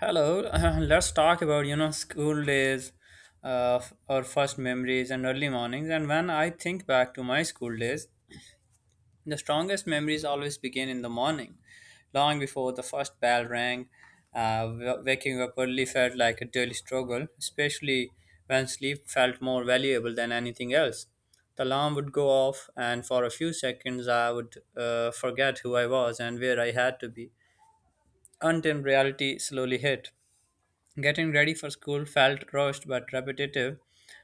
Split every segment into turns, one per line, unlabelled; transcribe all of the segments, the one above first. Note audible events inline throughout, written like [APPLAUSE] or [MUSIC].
Hello, [LAUGHS] let's talk about school days, our first memories and early mornings. And when I think back to my school days, the strongest memories always begin in the morning, long before the first bell rang. Waking up early felt like a daily struggle, especially when sleep felt more valuable than anything else. The alarm would go off, and for a few seconds, I would forget who I was and where I had to be until reality slowly hit. Getting ready for school felt rushed but repetitive,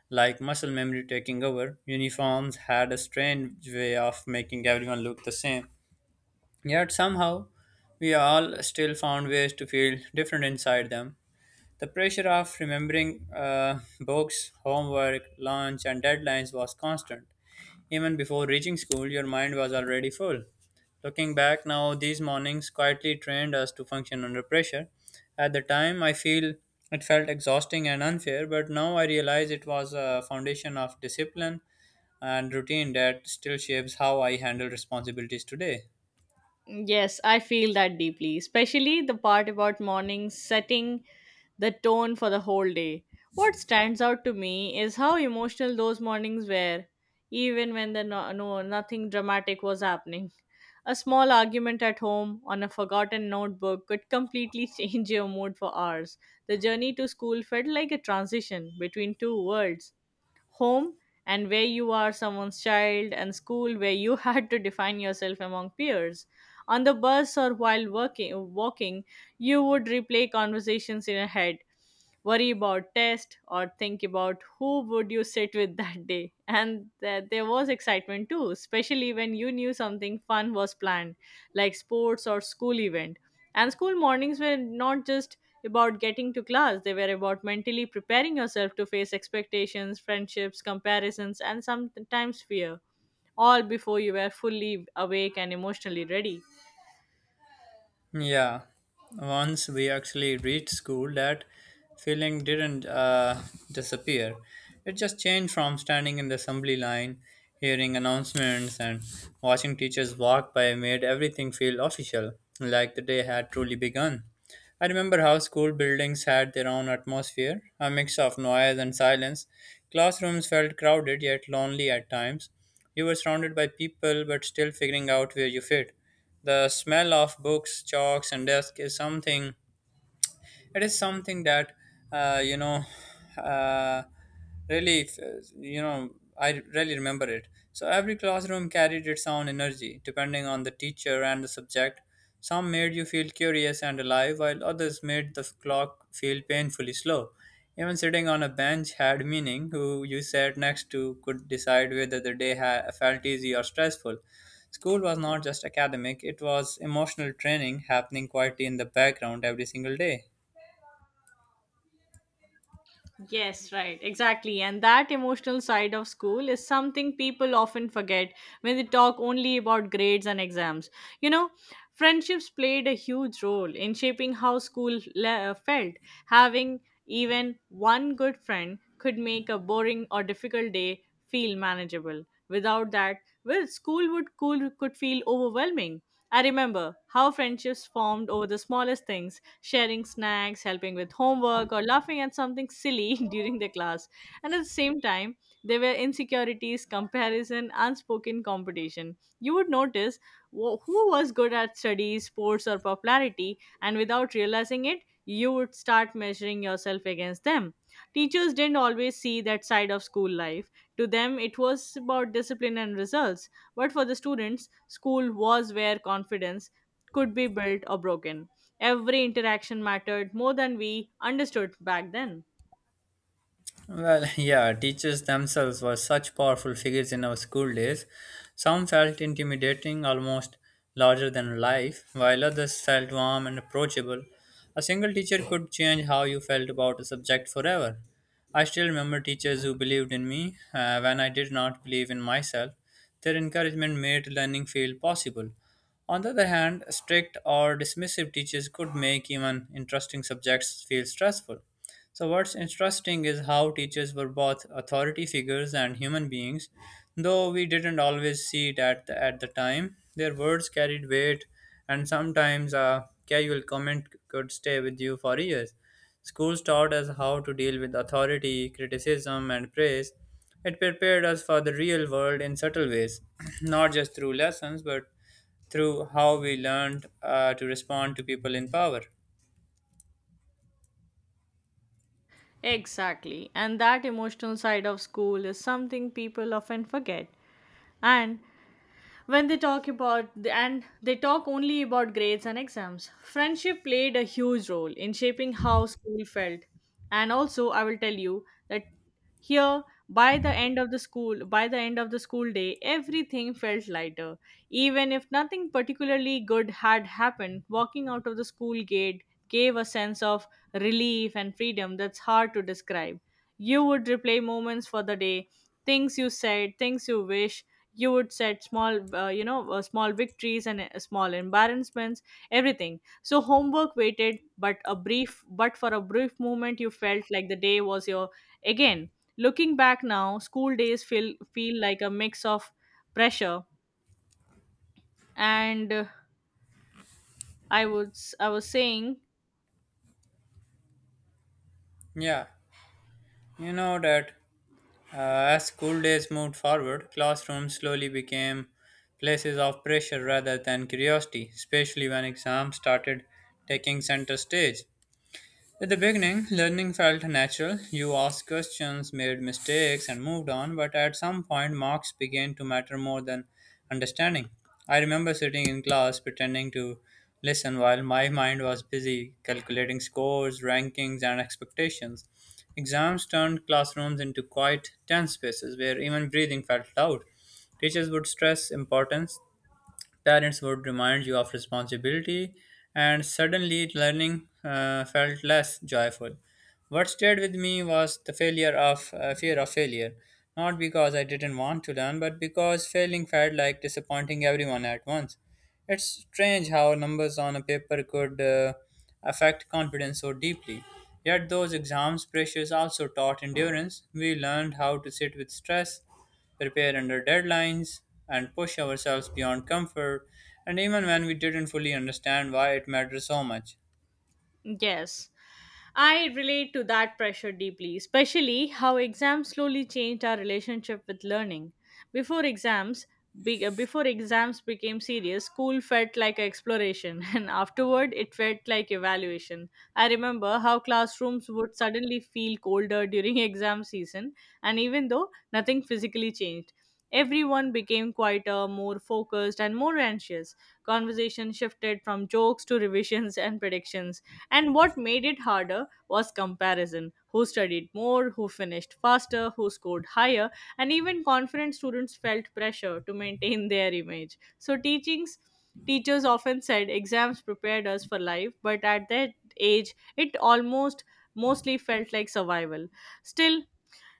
like muscle memory taking over. Uniforms had a strange way of making everyone look the same. Yet somehow, we all still found ways to feel different inside them. The pressure of remembering books, homework, lunch, and deadlines was constant. Even before reaching school, your mind was already full. Looking back now, these mornings quietly trained us to function under pressure. At the time, I feel it felt exhausting and unfair, but now I realize it was a foundation of discipline and routine that still shapes how I handle responsibilities today.
Yes, I feel that deeply, especially the part about mornings setting the tone for the whole day. What stands out to me is how emotional those mornings were, even when the no, no nothing dramatic was happening. A small argument at home on a forgotten notebook could completely [LAUGHS] change your mood for hours. The journey to school felt like a transition between two worlds, home and where you are someone's child, and school where you [LAUGHS] had to define yourself among peers. On the bus or while working walking, you would replay conversations in your head, worry about test, or think about who would you sit with [LAUGHS] that day. There was excitement too, especially when you knew something fun was planned, like sports or school event. And school mornings were not just about getting to class, they were about mentally preparing yourself to face expectations, friendships, comparisons, and sometimes fear, all before you were fully awake and emotionally ready.
Yeah, once we actually reached school, that feeling didn't disappear. It just changed from standing in the assembly line, hearing announcements, and watching teachers walk by made everything feel official, like the day had truly begun. I remember how school buildings had their own atmosphere, a mix of noise and silence. Classrooms felt crowded yet lonely at times. You were surrounded by people but still figuring out where you fit. The smell of books, chalks, and desk is something it is something that you know uh, really if, you know I really remember it. So every classroom carried its own energy depending on the teacher and the subject. Some made you feel curious and alive, while others made the clock feel painfully slow. Even sitting on a bench had meaning: who you sat next to could decide whether the felt easy or stressful. School was not just academic, it was emotional training happening quietly in the background every single day.
Yes, right, exactly. And that emotional side of school is something people often forget when they talk only about grades and exams. You know, Friendships played a huge role in shaping how felt. Having even one good friend could make a boring or difficult day feel manageable. Without that, well, school would cool could feel overwhelming. I remember how friendships formed over the smallest things, sharing snacks, helping with homework, or laughing at something silly [LAUGHS] during the class. And at the same time, there were insecurities, comparison, unspoken competition. You would notice who was good at studies, sports, or popularity, and without realizing it, you would start measuring yourself against them. Teachers didn't always see that side of school life. To them, it was about discipline and results. But for the students, school was where confidence could be built or broken. Every interaction mattered more than we understood back then.
Well, yeah, teachers themselves were such powerful figures in our school days. Some felt intimidating, almost larger than life, while others felt warm and approachable. A single teacher could change how you felt about a subject forever. I still remember teachers who believed in me. On the other hand, strict or dismissive teachers could make even interesting subjects feel stressful. So, what's interesting is how teachers were both authority figures and human beings, though we didn't always see it at the time. Their words carried weight, and sometimes a casual comment could stay with you for years. Schools taught us how to deal with authority, criticism, and praise. It prepared us for the real world in subtle ways, [CLEARS THROAT] not just through lessons, but through how we learned to respond to people in power.
Exactly. And that emotional side of school is something people often forget. And when they talk about, and they talk only about grades and exams, friendship played a huge role in shaping how school felt. And also I will tell you that here, by the end of the school day everything felt lighter, even if nothing particularly good had happened. Walking out of the school gate gave a sense of relief and freedom that's hard to describe. You would replay moments for the day, things you said, things you wish. You would set small, small victories and small embarrassments, everything. So homework waited, but for a brief moment, you felt like the day was your again. Looking back now, school days feel like a mix of pressure and I was saying.
Yeah, you know that uh, as school days moved forward, classrooms slowly became places of pressure rather than curiosity, especially when exams started taking center stage. At the beginning, learning felt natural. You asked questions, made mistakes, and moved on, but at some point, marks began to matter more than understanding. I remember sitting in class pretending to listen while my mind was busy calculating scores, rankings, and expectations. Exams turned classrooms into quiet, tense spaces where even breathing felt loud. Teachers would stress importance. Parents would remind you of responsibility, and suddenly learning felt less joyful. What stayed with me was the failure of fear of failure, not because I didn't want to learn, but because failing felt like disappointing everyone at once. It's strange how numbers on a paper could affect confidence so deeply. Yet those exams pressures also taught endurance. We learned how to sit with stress, prepare under deadlines, and push ourselves beyond comfort, and even when we didn't fully understand why it mattered so much.
Yes. I relate to that pressure deeply, especially how exams slowly changed our relationship with learning. Before exams, before exams became serious, school felt like exploration, [LAUGHS] and afterward, it felt like evaluation. I remember how classrooms would suddenly feel colder during [LAUGHS] exam season, and even though nothing physically changed, everyone became quieter, more focused, and more anxious. Conversation shifted from jokes to revisions [LAUGHS] and predictions. And what made it harder was comparison, who studied more, who finished faster, who scored higher, and even confident students felt pressure to maintain [LAUGHS] their image. So, teachings teachers often said exams prepared us for life, but at that age, it almost mostly felt like survival. Still,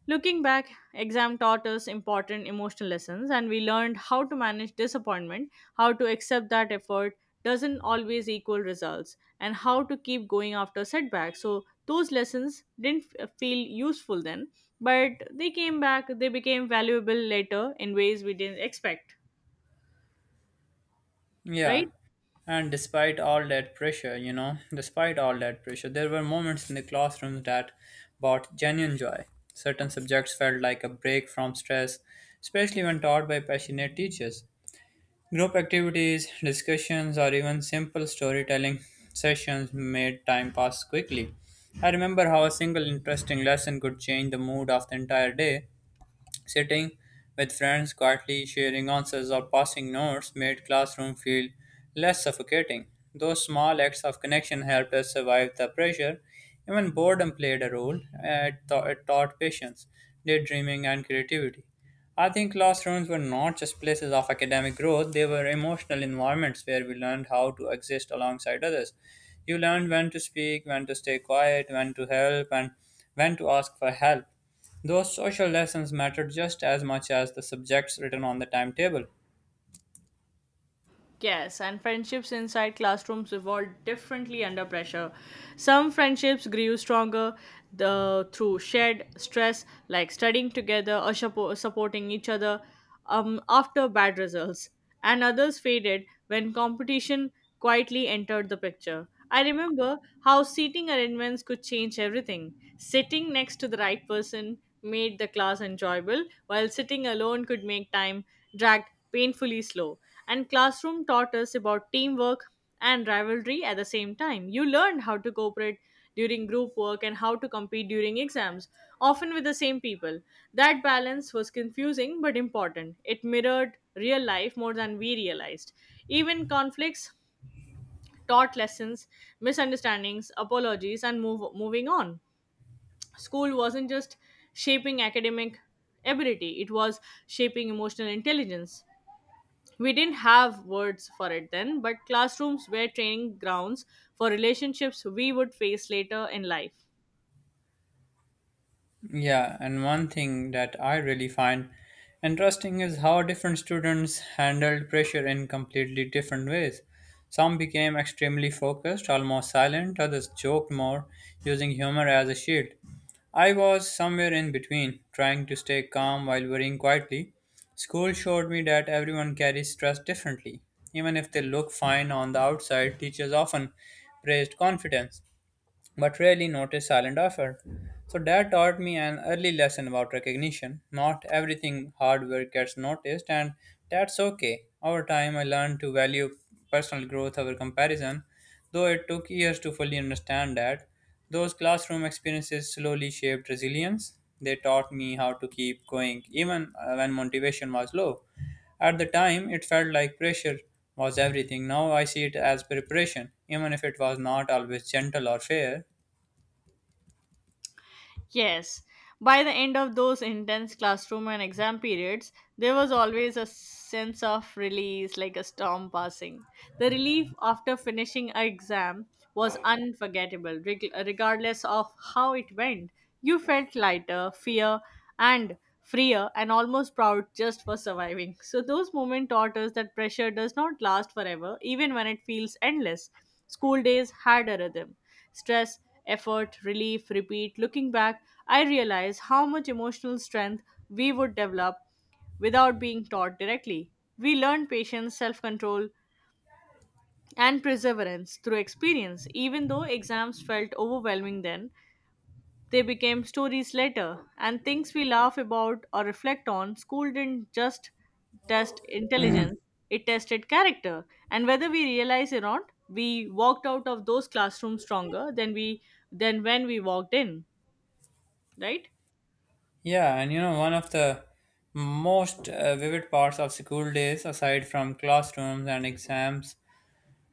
looking back, exam taught us important emotional lessons, and we learned how to manage disappointment, how to accept that effort doesn't always equal results, and how to keep going after setbacks. So, those lessons didn't f- feel useful then, but they became valuable later in ways we didn't expect,
Yeah.
right?
And despite all that pressure, there were moments in the classrooms that brought genuine joy. Certain subjects felt like a break from stress, especially when taught by passionate teachers. Group activities, discussions, or even simple storytelling sessions made time pass quickly. I remember how a single interesting lesson could change the mood of the entire day. Sitting with friends quietly sharing answers or passing notes made classroom feel less suffocating. Those small acts of connection helped us survive the pressure. Even boredom played a role. It taught patience, daydreaming, and creativity. I think classrooms were not just places of academic growth, they were emotional environments where we learned how to exist alongside others. You learned when to speak, when to stay quiet, when to help, and when to ask for help. Those social lessons mattered just as much as the subjects written on the timetable.
Yes, and friendships inside classrooms evolved differently under pressure. Some friendships grew stronger through shared stress, like studying together or supporting each other after bad results, and others faded when competition quietly entered the picture. I remember how seating arrangements could change everything. Sitting next to the right person made the class enjoyable, while sitting alone could make time drag painfully slow. And classroom taught us about teamwork and rivalry at the same time. You learned how to cooperate during group work and how to compete during exams, often with the same people. That balance was confusing but important. It mirrored real life more than we realized. Even conflicts taught lessons, misunderstandings, apologies, and moving on. School wasn't just shaping academic ability, it was shaping emotional intelligence. We didn't have words for it then, but classrooms were training grounds for relationships we would face later in life.
Yeah, and one thing that I really find interesting is how different students handled pressure in completely different ways. Some became extremely focused, almost silent, others joked more, using humor as a shield. I was somewhere in between, trying to stay calm while worrying quietly. School showed me that everyone carries stress differently. Even if they look fine on the outside, teachers often praised confidence but rarely noticed silent effort. So that taught me an early lesson about recognition. Not everything hard work gets noticed, and that's okay. Over time, I learned to value personal growth over comparison, though it took years to fully understand that. Those classroom experiences slowly shaped resilience. They taught me how to keep going even when motivation was low. At the time, it felt like pressure was everything. Now I see it as preparation, even if it was not always gentle or fair.
Yes. By the end of those intense classroom and exam periods, there was always a sense of release, like a storm passing. The relief after finishing an exam was unforgettable, regardless of how it went. You felt lighter, fear, and freer, and almost proud just for surviving. So, those moments taught us that pressure does not last forever, even when it feels endless. School days had a rhythm, stress, effort, relief, repeat. Looking back, I realize how much emotional strength we would develop without being taught directly. We learn patience, self control, and perseverance through experience, even though exams felt overwhelming then. They became stories later, and things we laugh about or reflect on. School didn't just test intelligence, it tested character. And whether we realize it or not, we walked out of those classrooms stronger than we than when we walked in, right?
Yeah, and you know, one of the most vivid parts of school days, aside from classrooms and exams,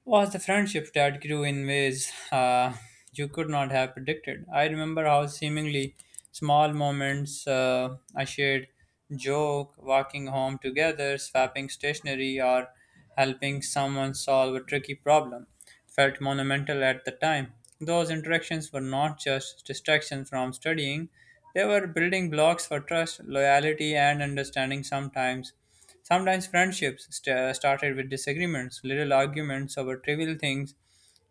was the friendship that grew in ways you could not have predicted. I remember how seemingly small moments I shared, joke, walking home together, swapping stationery, or helping someone solve a tricky problem felt monumental at the time. Those interactions were not just distractions from studying, they were building blocks for trust, loyalty, and understanding sometimes. Sometimes started with disagreements, little arguments over trivial things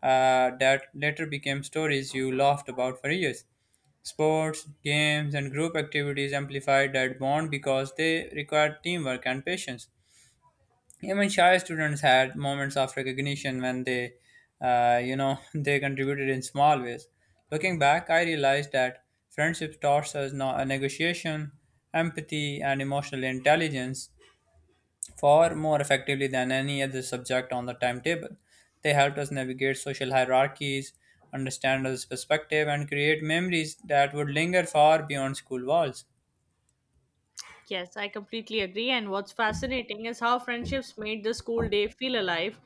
that later became stories you laughed about for years. Sports, games, and group activities amplified that bond because they required teamwork and patience. Even shy students had moments of recognition when they [LAUGHS] they contributed in small ways. Looking back, I realized that friendship taught us negotiation, empathy, and emotional intelligence far more effectively than any other subject on the timetable. They helped us navigate social hierarchies, understand others perspective, and create memories that would linger far beyond school walls.
Yes, I completely agree. And what's fascinating is how friendships made the school day feel alive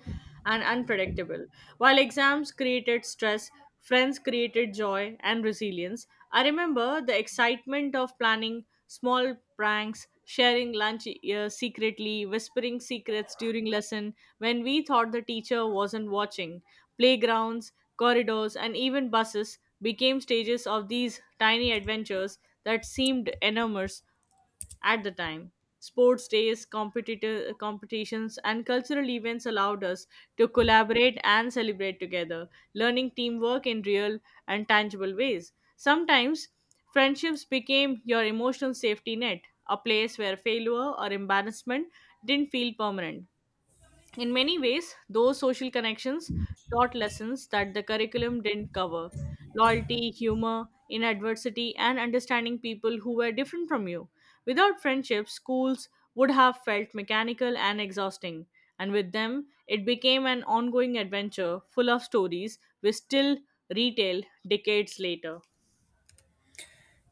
and unpredictable. While exams created stress, friends created joy and resilience. I remember the excitement of planning small pranks, sharing lunch secretly, whispering secrets during lesson when we thought the teacher wasn't watching. Playgrounds, corridors, and even buses became stages of these tiny adventures that seemed enormous at the time. Sports days, competitive competitions, and cultural events allowed us to collaborate and celebrate together, learning teamwork in real and tangible ways. Sometimes friendships became your emotional safety net, a place where failure or embarrassment didn't feel permanent. In many ways, those social connections taught lessons that the curriculum didn't cover, loyalty, humor, in adversity, and understanding people who were different from you. Without friendships, schools would have felt mechanical and exhausting, and with them, it became an ongoing adventure full of stories we still retell decades later.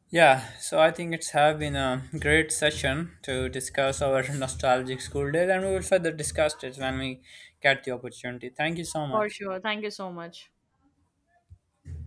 Yeah, so I think it's have been a great session to discuss our [LAUGHS] nostalgic school days, and we will further discuss it when we get the opportunity. Thank you so
For
much.
sure. Thank you so much.